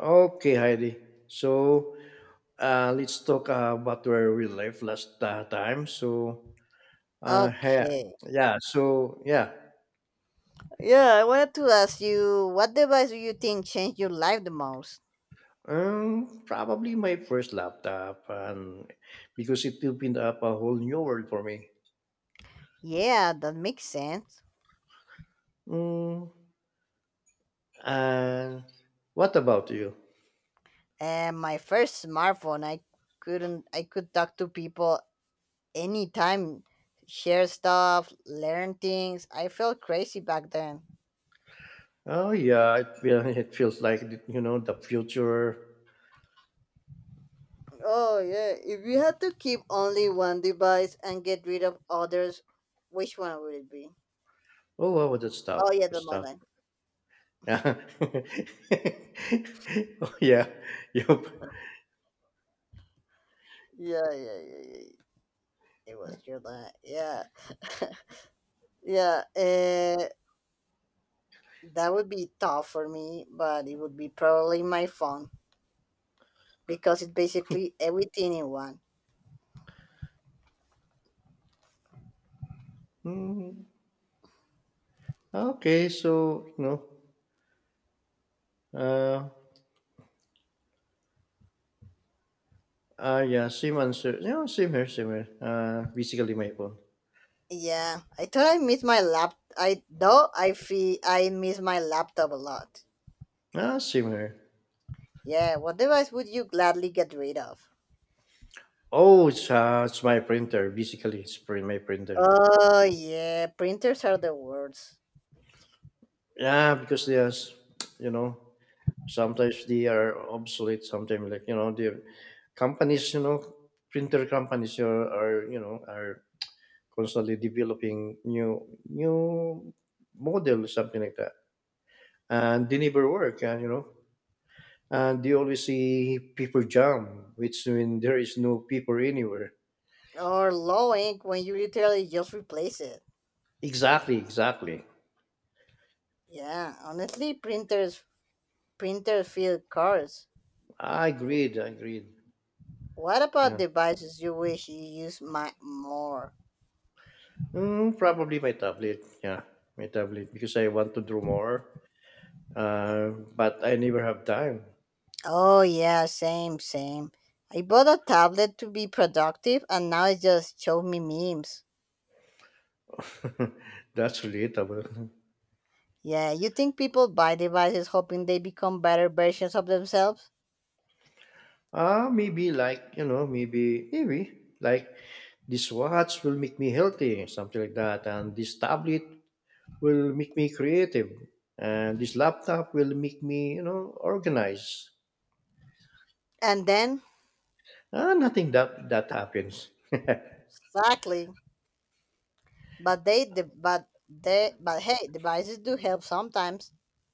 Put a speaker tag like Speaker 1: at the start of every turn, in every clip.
Speaker 1: Okay, Heidi. So let's talk about where we left last time. Uh, yeah,
Speaker 2: Okay.
Speaker 1: yeah. So yeah,
Speaker 2: Yeah, I wanted to ask you what device do you think changed your life the most?
Speaker 1: Probably my first laptop, and because it opened up a whole new world for me.
Speaker 2: Yeah, that makes sense.
Speaker 1: Mm, and what about you?
Speaker 2: And my first smartphone, I couldn't I could talk to people anytime, share stuff, learn things. I felt crazy back then.
Speaker 1: Oh yeah, it feels like the future.
Speaker 2: Oh yeah, if you had to keep only one device and get rid of others, which one would it be?
Speaker 1: Oh, wow,
Speaker 2: Oh yeah,
Speaker 1: that
Speaker 2: that's my
Speaker 1: stuff.
Speaker 2: line.
Speaker 1: Yeah. Oh yeah, yep.
Speaker 2: Yeah, yeah, yeah, yeah, yeah. It was your line. Yeah. Yeah, that would be tough for me, but it would be probably my phone because it's basically everything in one.
Speaker 1: Ah, okay, uh, yeah, same answer. You know, same here. Basically my phone.
Speaker 2: Yeah, I though I feel I miss my laptop a lot.
Speaker 1: Ah, same here.
Speaker 2: Yeah, what device would you gladly get rid of?
Speaker 1: Oh, it's my printer. Basically, it's print my printer.
Speaker 2: Oh yeah, printers are the worst.
Speaker 1: Yeah, because you know, sometimes they are obsolete. Sometimes, the companies, printer companies are you know are constantly developing new model, something like that, and they never work. And you know, and you always see people jam, which when there is no people anywhere.
Speaker 2: Or low ink when you literally just replace it.
Speaker 1: Exactly, exactly.
Speaker 2: Yeah, honestly, printers feel cars.
Speaker 1: I agreed.
Speaker 2: What about
Speaker 1: Yeah.
Speaker 2: devices you wish you used my more?
Speaker 1: Mm, probably my tablet. Yeah, my tablet because I want to draw more. But I never have time.
Speaker 2: Oh yeah, same, same. I bought a tablet to be productive and now it just shows me memes.
Speaker 1: That's relatable.
Speaker 2: Yeah, you think people buy devices hoping they become better versions of themselves?
Speaker 1: Ah, maybe like you know, maybe maybe like this watch will make me healthy, something like that, and this tablet will make me creative, and this laptop will make me, you know, organized.
Speaker 2: And then
Speaker 1: Ah, nothing that happens.
Speaker 2: exactly. But they the but they but hey, devices do help sometimes.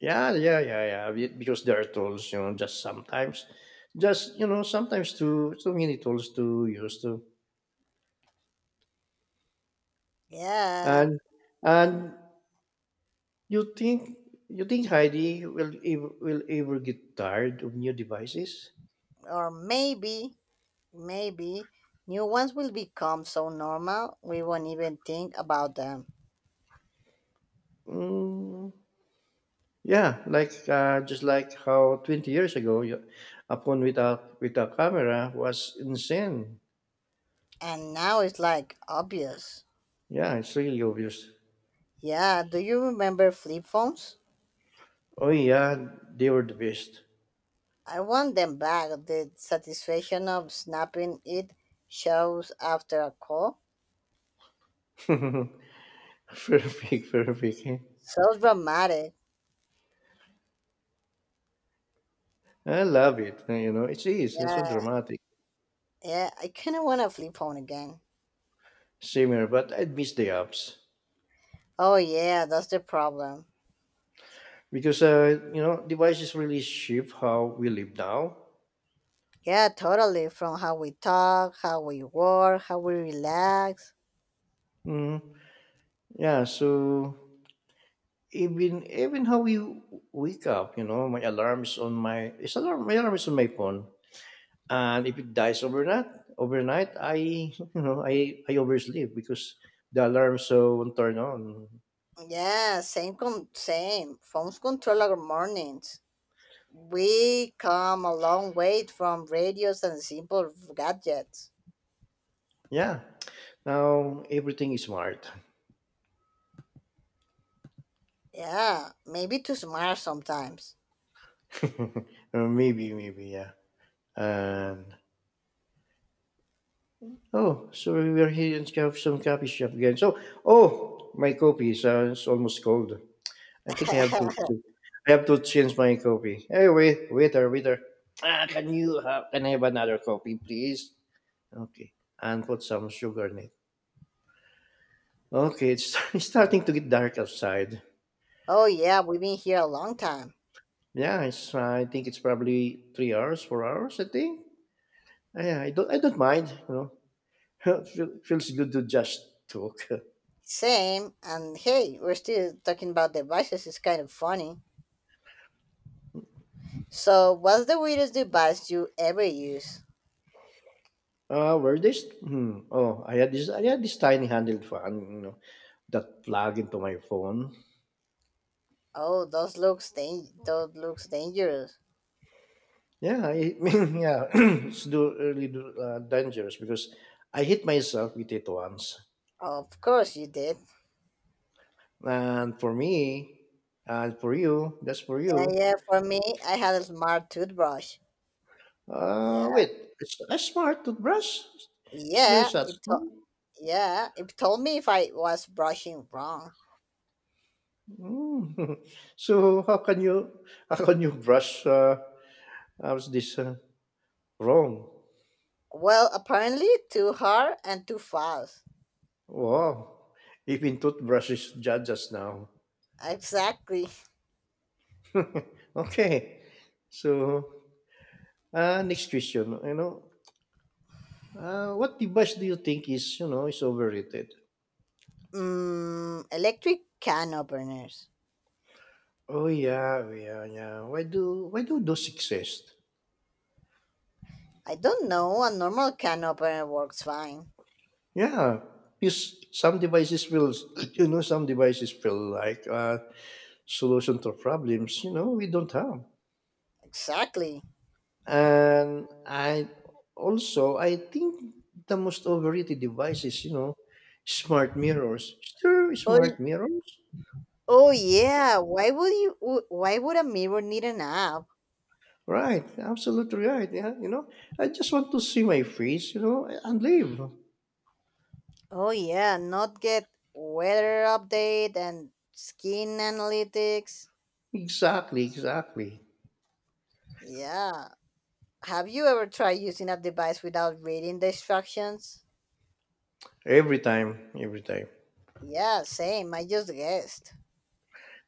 Speaker 1: Because there are tools, you know. Just sometimes too many tools to use to,
Speaker 2: Yeah,
Speaker 1: and and you think, Heidi will ever get tired of new devices?
Speaker 2: or maybe new ones will become so normal we won't even think about them.
Speaker 1: Mm, yeah, like just like how 20 years ago, you, a phone without camera was insane.
Speaker 2: And now it's like obvious.
Speaker 1: Yeah, it's really obvious.
Speaker 2: Yeah, do you remember flip phones?
Speaker 1: Oh yeah, they were the best.
Speaker 2: I want them back. The satisfaction of snapping it shows after a call.
Speaker 1: Perfect, perfect.
Speaker 2: So dramatic.
Speaker 1: I love it. You know, it's easy, it's
Speaker 2: Yeah,
Speaker 1: so dramatic,
Speaker 2: yeah. I kind of want to flip phone again.
Speaker 1: similar, but I'd miss the apps
Speaker 2: Oh yeah, that's the problem.
Speaker 1: because you know, devices really shape how we live now.
Speaker 2: Yeah, totally. From how we talk, how we work, how we relax.
Speaker 1: Mm, yeah, so even how we wake up, you know, my alarm is on my phone, and if it dies overnight, I you know, I oversleep because the alarm won't turn on.
Speaker 2: Yeah, same, same. Phones control our mornings. We come a long way from radios and simple gadgets.
Speaker 1: Yeah, now everything is smart.
Speaker 2: Yeah, maybe too smart sometimes.
Speaker 1: Maybe yeah. And oh, so we are here in some coffee shop again. So, oh, my coffee is it's almost cold. i think i have to, to i have to change my coffee. Hey, wait, waiter, waiter, ah, can I have another coffee, please? Okay, and put some sugar in it. Okay, it's it's starting to get dark outside.
Speaker 2: Oh yeah, we've been here a long time.
Speaker 1: Yeah, I think it's probably 3 hours, 4 hours. I think. I don't mind. You know, feels good to just talk.
Speaker 2: Same, and hey, we're still talking about devices. It's kind of funny. So, what's the weirdest device you ever use?
Speaker 1: Where this? Hmm. I had this tiny handled fan. You know, that plug into my phone.
Speaker 2: Oh, those looks dangerous.
Speaker 1: Yeah, I, mean, yeah. It's really dangerous because I hit myself with it once,
Speaker 2: Of course you did.
Speaker 1: and for me, and for you, that's for
Speaker 2: Yeah,
Speaker 1: you.
Speaker 2: yeah. For me, I had a smart toothbrush. Yeah,
Speaker 1: Wait, it's a smart toothbrush? Is there
Speaker 2: yeah.
Speaker 1: such thing?
Speaker 2: Yeah, it told me if I was brushing wrong.
Speaker 1: Mm. So how can you brush how's this wrong?
Speaker 2: Well, apparently too hard and too fast.
Speaker 1: Wow, even toothbrushes judge us now.
Speaker 2: Exactly.
Speaker 1: Okay, so next question. You know, what device do you think is you know is overrated?
Speaker 2: Mm, electric can openers.
Speaker 1: Oh yeah, oh yeah, yeah. Why do those exist?
Speaker 2: I don't know. A normal can opener works fine.
Speaker 1: Yeah, because some devices will, you know, some devices feel like solution to problems. You know, we don't have,
Speaker 2: Exactly.
Speaker 1: and I also I think the most overrated devices, you know, smart mirrors. Sure,
Speaker 2: Oh,
Speaker 1: smart
Speaker 2: y-
Speaker 1: mirrors.
Speaker 2: oh yeah. Why would you? Why would a mirror need an app?
Speaker 1: Right, absolutely right. Yeah, you know, I just want to see my face, you know, and leave.
Speaker 2: Oh yeah. Not get weather update and skin analytics.
Speaker 1: Exactly, exactly.
Speaker 2: Yeah. Have you ever tried using a device without reading the instructions?
Speaker 1: Every time, every time.
Speaker 2: Yeah, same. I just guessed.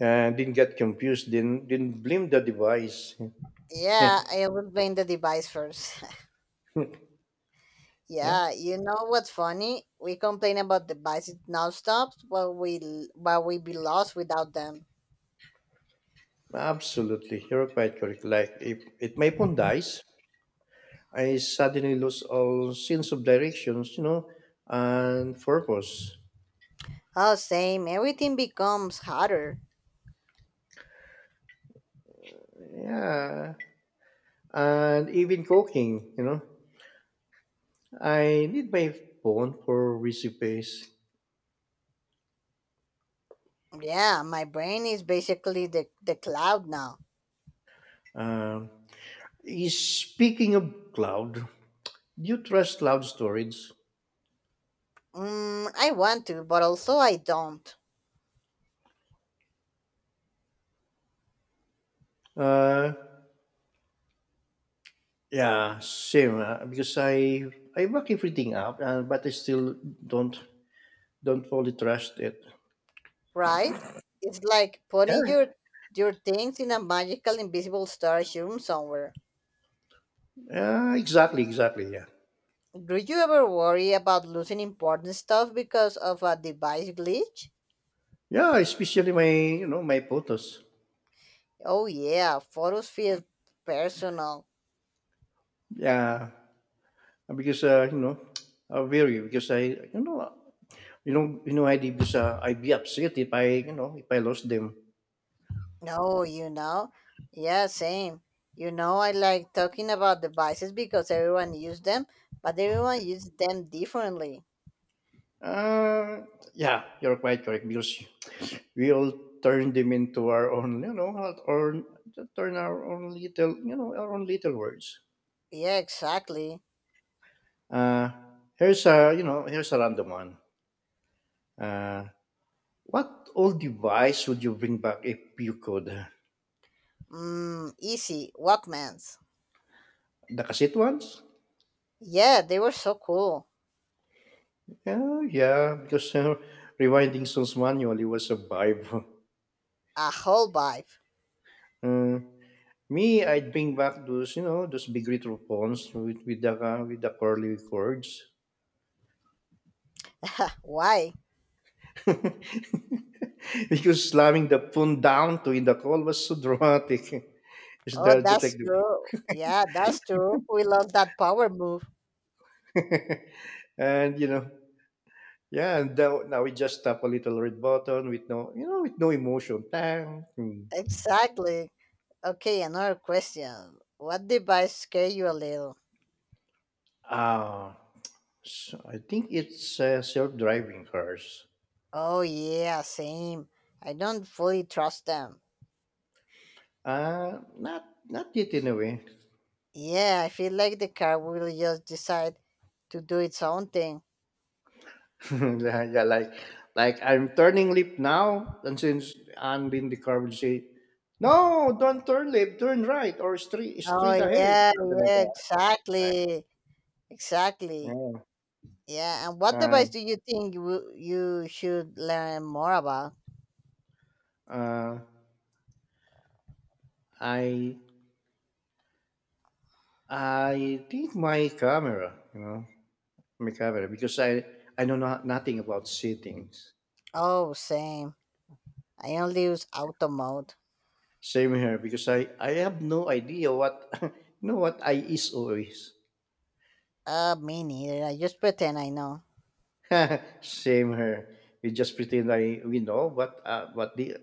Speaker 1: And didn't get confused. Didn't blame the device.
Speaker 2: Yeah, I will blame the device first.
Speaker 1: Hmm. Yeah,
Speaker 2: Yeah, you know what's funny? We complain about the devices stops, but we be lost without them.
Speaker 1: absolutely. You're quite correct. Like, if my phone dies, I suddenly lose all sense of directions, you know, and purpose.
Speaker 2: Oh, same. Everything becomes harder.
Speaker 1: Yeah, and even cooking, you know, I need my phone for recipes.
Speaker 2: Yeah, my brain is basically the cloud now.
Speaker 1: Um, speaking of cloud, do you trust cloud storage?
Speaker 2: Mm, I want to, but also I don't.
Speaker 1: Uh, yeah, same. Because I back everything up, but I still don't don't fully trust it.
Speaker 2: Right? It's like putting
Speaker 1: Yeah.
Speaker 2: your things in a magical invisible storage room somewhere.
Speaker 1: Yeah, exactly, exactly, yeah.
Speaker 2: Do you ever worry about losing important stuff because of a device glitch?
Speaker 1: Yeah, especially my, you know, my photos.
Speaker 2: Oh yeah, photos feel personal.
Speaker 1: Yeah, because, you know, I'm very, because I, you know, you know, you know, I did this, I'd be upset if I, you know, if I lost them.
Speaker 2: No, you know, yeah, same. You know, I like talking about devices because everyone uses them, but everyone uses them differently.
Speaker 1: Uh, yeah, you're quite correct because we all turn them into our own, you know, or turn our own little, you know, our own little words.
Speaker 2: Yeah, exactly.
Speaker 1: Uh, here's a, you know, here's a random one. Uh, What old device would you bring back if you could?
Speaker 2: Mm, easy Walkmans.
Speaker 1: The cassette ones?
Speaker 2: Yeah, they were so cool.
Speaker 1: Yeah, yeah, because rewinding songs manually was a vibe.
Speaker 2: A whole vibe.
Speaker 1: Uh, me, I'd bring back those, you know, those big retro phones with the curly cords.
Speaker 2: Why?
Speaker 1: Because slamming the phone down to in the call was so dramatic. It's
Speaker 2: Oh,
Speaker 1: the, just like
Speaker 2: that's
Speaker 1: the
Speaker 2: true. Yeah, that's true. We love that power move.
Speaker 1: and you know, yeah, and now, now we just tap a little red button with no, you know, with no emotion. Tang. Hmm.
Speaker 2: Exactly. Okay, another question. What device scare you a little?
Speaker 1: Uh, so I think it's self-driving cars.
Speaker 2: Oh, yeah, same. I don't fully trust them.
Speaker 1: Not yet in a way.
Speaker 2: Yeah, I feel like the car will just decide to do its own thing.
Speaker 1: Yeah, yeah, like I'm turning left now, and since I'm in the car, will say, "No, don't turn left, turn right or straight
Speaker 2: Oh,
Speaker 1: ahead,"
Speaker 2: yeah,
Speaker 1: something like
Speaker 2: yeah,
Speaker 1: that. Right.
Speaker 2: exactly. Exactly.
Speaker 1: Yeah.
Speaker 2: Yeah, and what device
Speaker 1: And
Speaker 2: do you think you should learn more about?
Speaker 1: uh, I I think my camera, you know, my camera, because I know nothing about settings.
Speaker 2: Oh, same. I only use auto mode.
Speaker 1: Same here because I have no idea what you know what I is or is.
Speaker 2: Me neither. I just pretend I know.
Speaker 1: Same here. We just pretend I we know what the,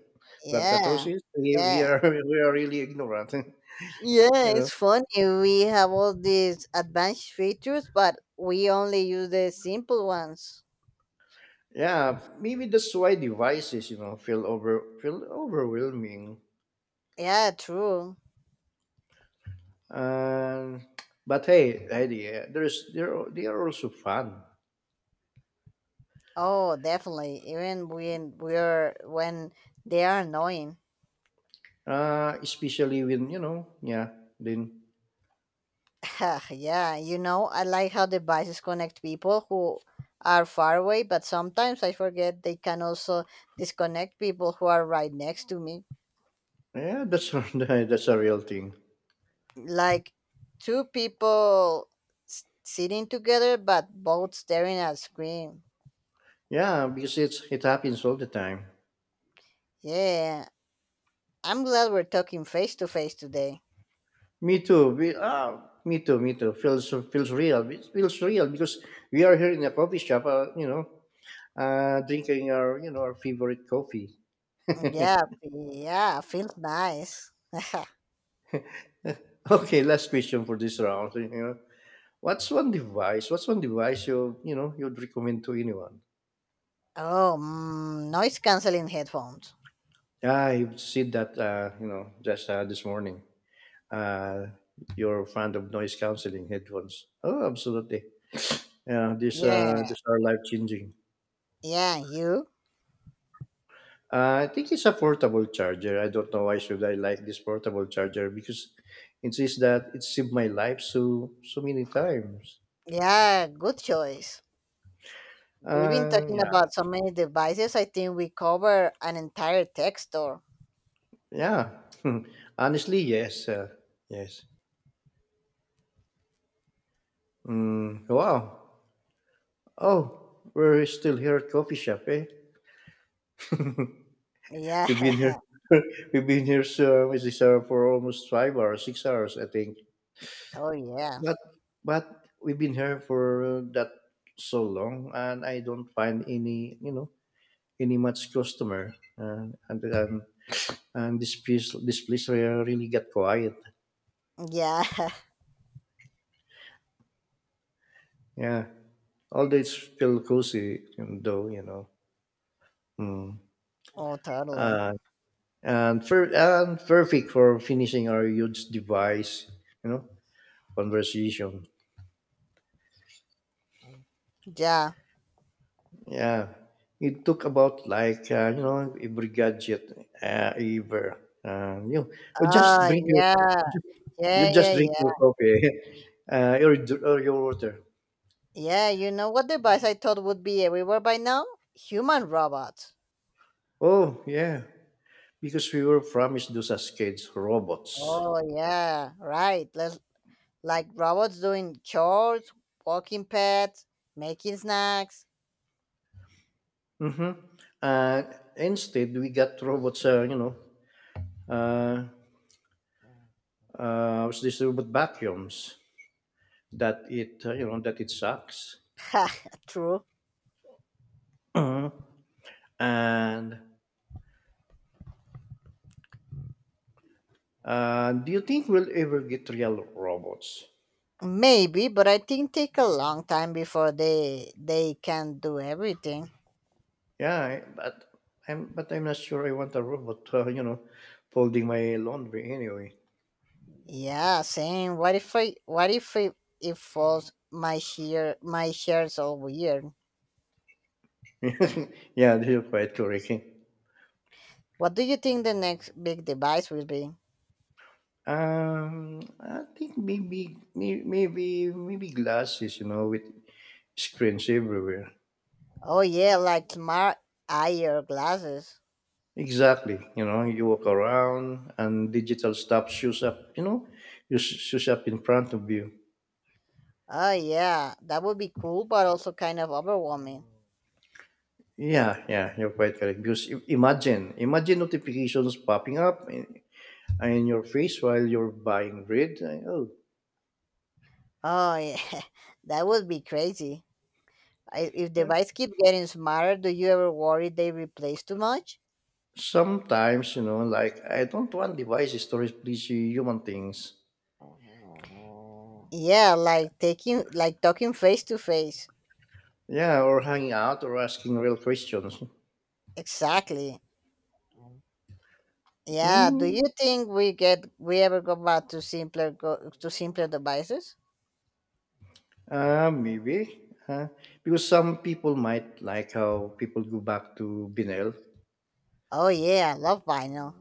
Speaker 1: but the truth
Speaker 2: Yeah,
Speaker 1: is we
Speaker 2: yeah.
Speaker 1: are we are really ignorant.
Speaker 2: Yeah,
Speaker 1: You
Speaker 2: it's
Speaker 1: know.
Speaker 2: funny. We have all these advanced features, but we only use the simple ones.
Speaker 1: Yeah, maybe that's why devices, you know, feel overwhelming.
Speaker 2: Yeah, true.
Speaker 1: Um, but hey, Heidi, there they are also fun.
Speaker 2: Oh, definitely. Even when they are annoying.
Speaker 1: Especially when you know, yeah, then
Speaker 2: Yeah, you know, I like how devices connect people who are far away, but sometimes I forget they can also disconnect people who are right next to me.
Speaker 1: yeah, that's that's a real thing.
Speaker 2: Like two people sitting together but both staring at screen.
Speaker 1: Yeah, because it happens all the time.
Speaker 2: Yeah, I'm glad we're talking face to face today.
Speaker 1: Me too. We, ah, me too. Me too. Feels real. It feels real because we are here in a coffee shop. You know, drinking our, you know, our favorite coffee.
Speaker 2: Yeah, yeah, feels nice.
Speaker 1: Okay, last question for this round. You know, What's one device you, you know, you'd recommend to anyone?
Speaker 2: Oh, mm, noise canceling headphones.
Speaker 1: I said that you know, just this morning. Uh, you're fond of noise canceling headphones. Oh, absolutely. Yeah,
Speaker 2: Yeah,
Speaker 1: these are life changing.
Speaker 2: yeah, you?
Speaker 1: I think it's a portable charger. I don't know why should I like this portable charger because it says that it saved my life so many times.
Speaker 2: Yeah, good choice. We've been
Speaker 1: Uh,
Speaker 2: talking
Speaker 1: yeah,
Speaker 2: about so many devices, I think we cover an entire tech store.
Speaker 1: yeah. Honestly, yes, yes. Mm, wow. Oh, we're still here at coffee shop, eh?
Speaker 2: Yeah,
Speaker 1: We've been here. We've been here, so is this for almost 5 hours, 6 hours, I think.
Speaker 2: oh, yeah,
Speaker 1: But but we've been here for that so long, and I don't find any, you know, any much customer. And this place really got quiet.
Speaker 2: yeah,
Speaker 1: Yeah, although it's still cozy, though you know. Mm.
Speaker 2: oh, totally.
Speaker 1: Uh, and and perfect for finishing our huge device, you know, conversation.
Speaker 2: Yeah,
Speaker 1: Yeah, it took about like you know, every gadget ever. You know, or just drink
Speaker 2: oh,
Speaker 1: your,
Speaker 2: yeah,
Speaker 1: just, you
Speaker 2: yeah, yeah,
Speaker 1: just drink your
Speaker 2: yeah.
Speaker 1: coffee or, or your water.
Speaker 2: Yeah, you know what device I thought would be everywhere by now? Human robots.
Speaker 1: Oh yeah, because we were promised those as kids robots.
Speaker 2: Oh yeah, right. Let's, like robots doing chores, walking pets, making snacks.
Speaker 1: Mm-hmm. Uh, instead, we got robots. You know, uh, was this robot vacuums that it you know, that it sucks.
Speaker 2: Ha, true.
Speaker 1: Uh-huh. And do you think we'll ever get real robots?
Speaker 2: Maybe, but I think take a long time before they can do everything.
Speaker 1: Yeah, but I'm not sure I want a robot. You know, folding my laundry anyway.
Speaker 2: Yeah, same. What if it, it falls my shares all weird?
Speaker 1: Yeah, they're quite correct.
Speaker 2: What do you think the next big device will be?
Speaker 1: I think maybe maybe glasses, you know, with screens everywhere.
Speaker 2: Oh yeah, like smart eyewear glasses.
Speaker 1: Exactly, you know, you walk around and digital stuff shows up, you know, just shows up in front of you.
Speaker 2: Oh yeah, that would be cool, but also kind of overwhelming.
Speaker 1: Yeah, yeah, you're quite correct. Because imagine, imagine notifications popping up in your face while you're buying bread. Oh,
Speaker 2: Oh yeah, that would be crazy. I, if device keep getting smarter, do you ever worry they replace too much?
Speaker 1: sometimes, you know, like I don't want devices to replace human things.
Speaker 2: Yeah, like taking like talking face to face.
Speaker 1: Yeah, or hanging out or asking real questions.
Speaker 2: Exactly. Yeah. Do
Speaker 1: Mm,
Speaker 2: you think we ever go back to simpler go to simpler devices?
Speaker 1: maybe. Because some people might like how people go back to Binel.
Speaker 2: Oh yeah, I love vinyl.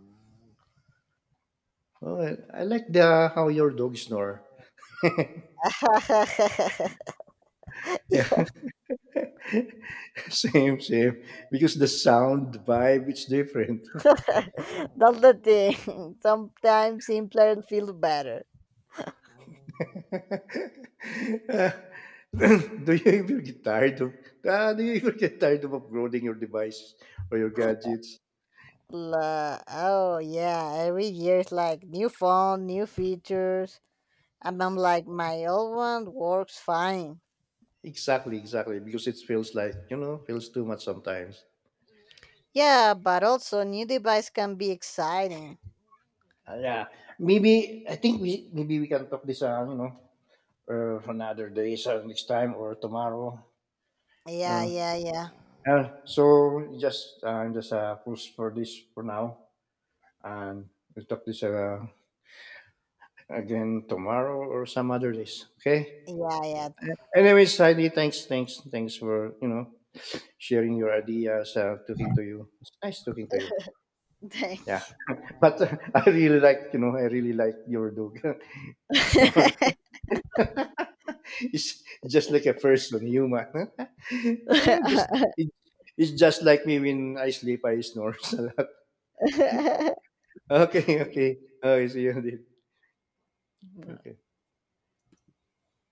Speaker 1: Oh, I like the how your dog snore. Yeah, same, same. Because the sound vibe is different.
Speaker 2: That's the thing. Sometimes simpler feels better.
Speaker 1: Uh, do you ever get tired of? Do you ever get tired of upgrading your devices or your gadgets?
Speaker 2: Oh yeah, every year it's like new phone, new features, and I'm like my old one works fine.
Speaker 1: Exactly, exactly. Because it feels like you know, feels too much sometimes.
Speaker 2: Yeah, but also new device can be exciting.
Speaker 1: Yeah, maybe I think we maybe we can talk this. You know, another day, so next time or tomorrow. You
Speaker 2: Yeah,
Speaker 1: know.
Speaker 2: yeah, yeah,
Speaker 1: So just I'm just push for this for now, and we'll talk this again tomorrow or some other days. Okay.
Speaker 2: yeah, yeah.
Speaker 1: Anyways, Heidi, thanks for you know, sharing your ideas, talking to you. It's nice talking to you. Yeah,
Speaker 2: Thank
Speaker 1: but I really like, you know, I really like your dog snores. It's just like a person, human. Eh, it, it's just like me when I sleep, I snore a lot.
Speaker 2: you.
Speaker 1: Okay, okay. Okay, see you. Dave. Okay.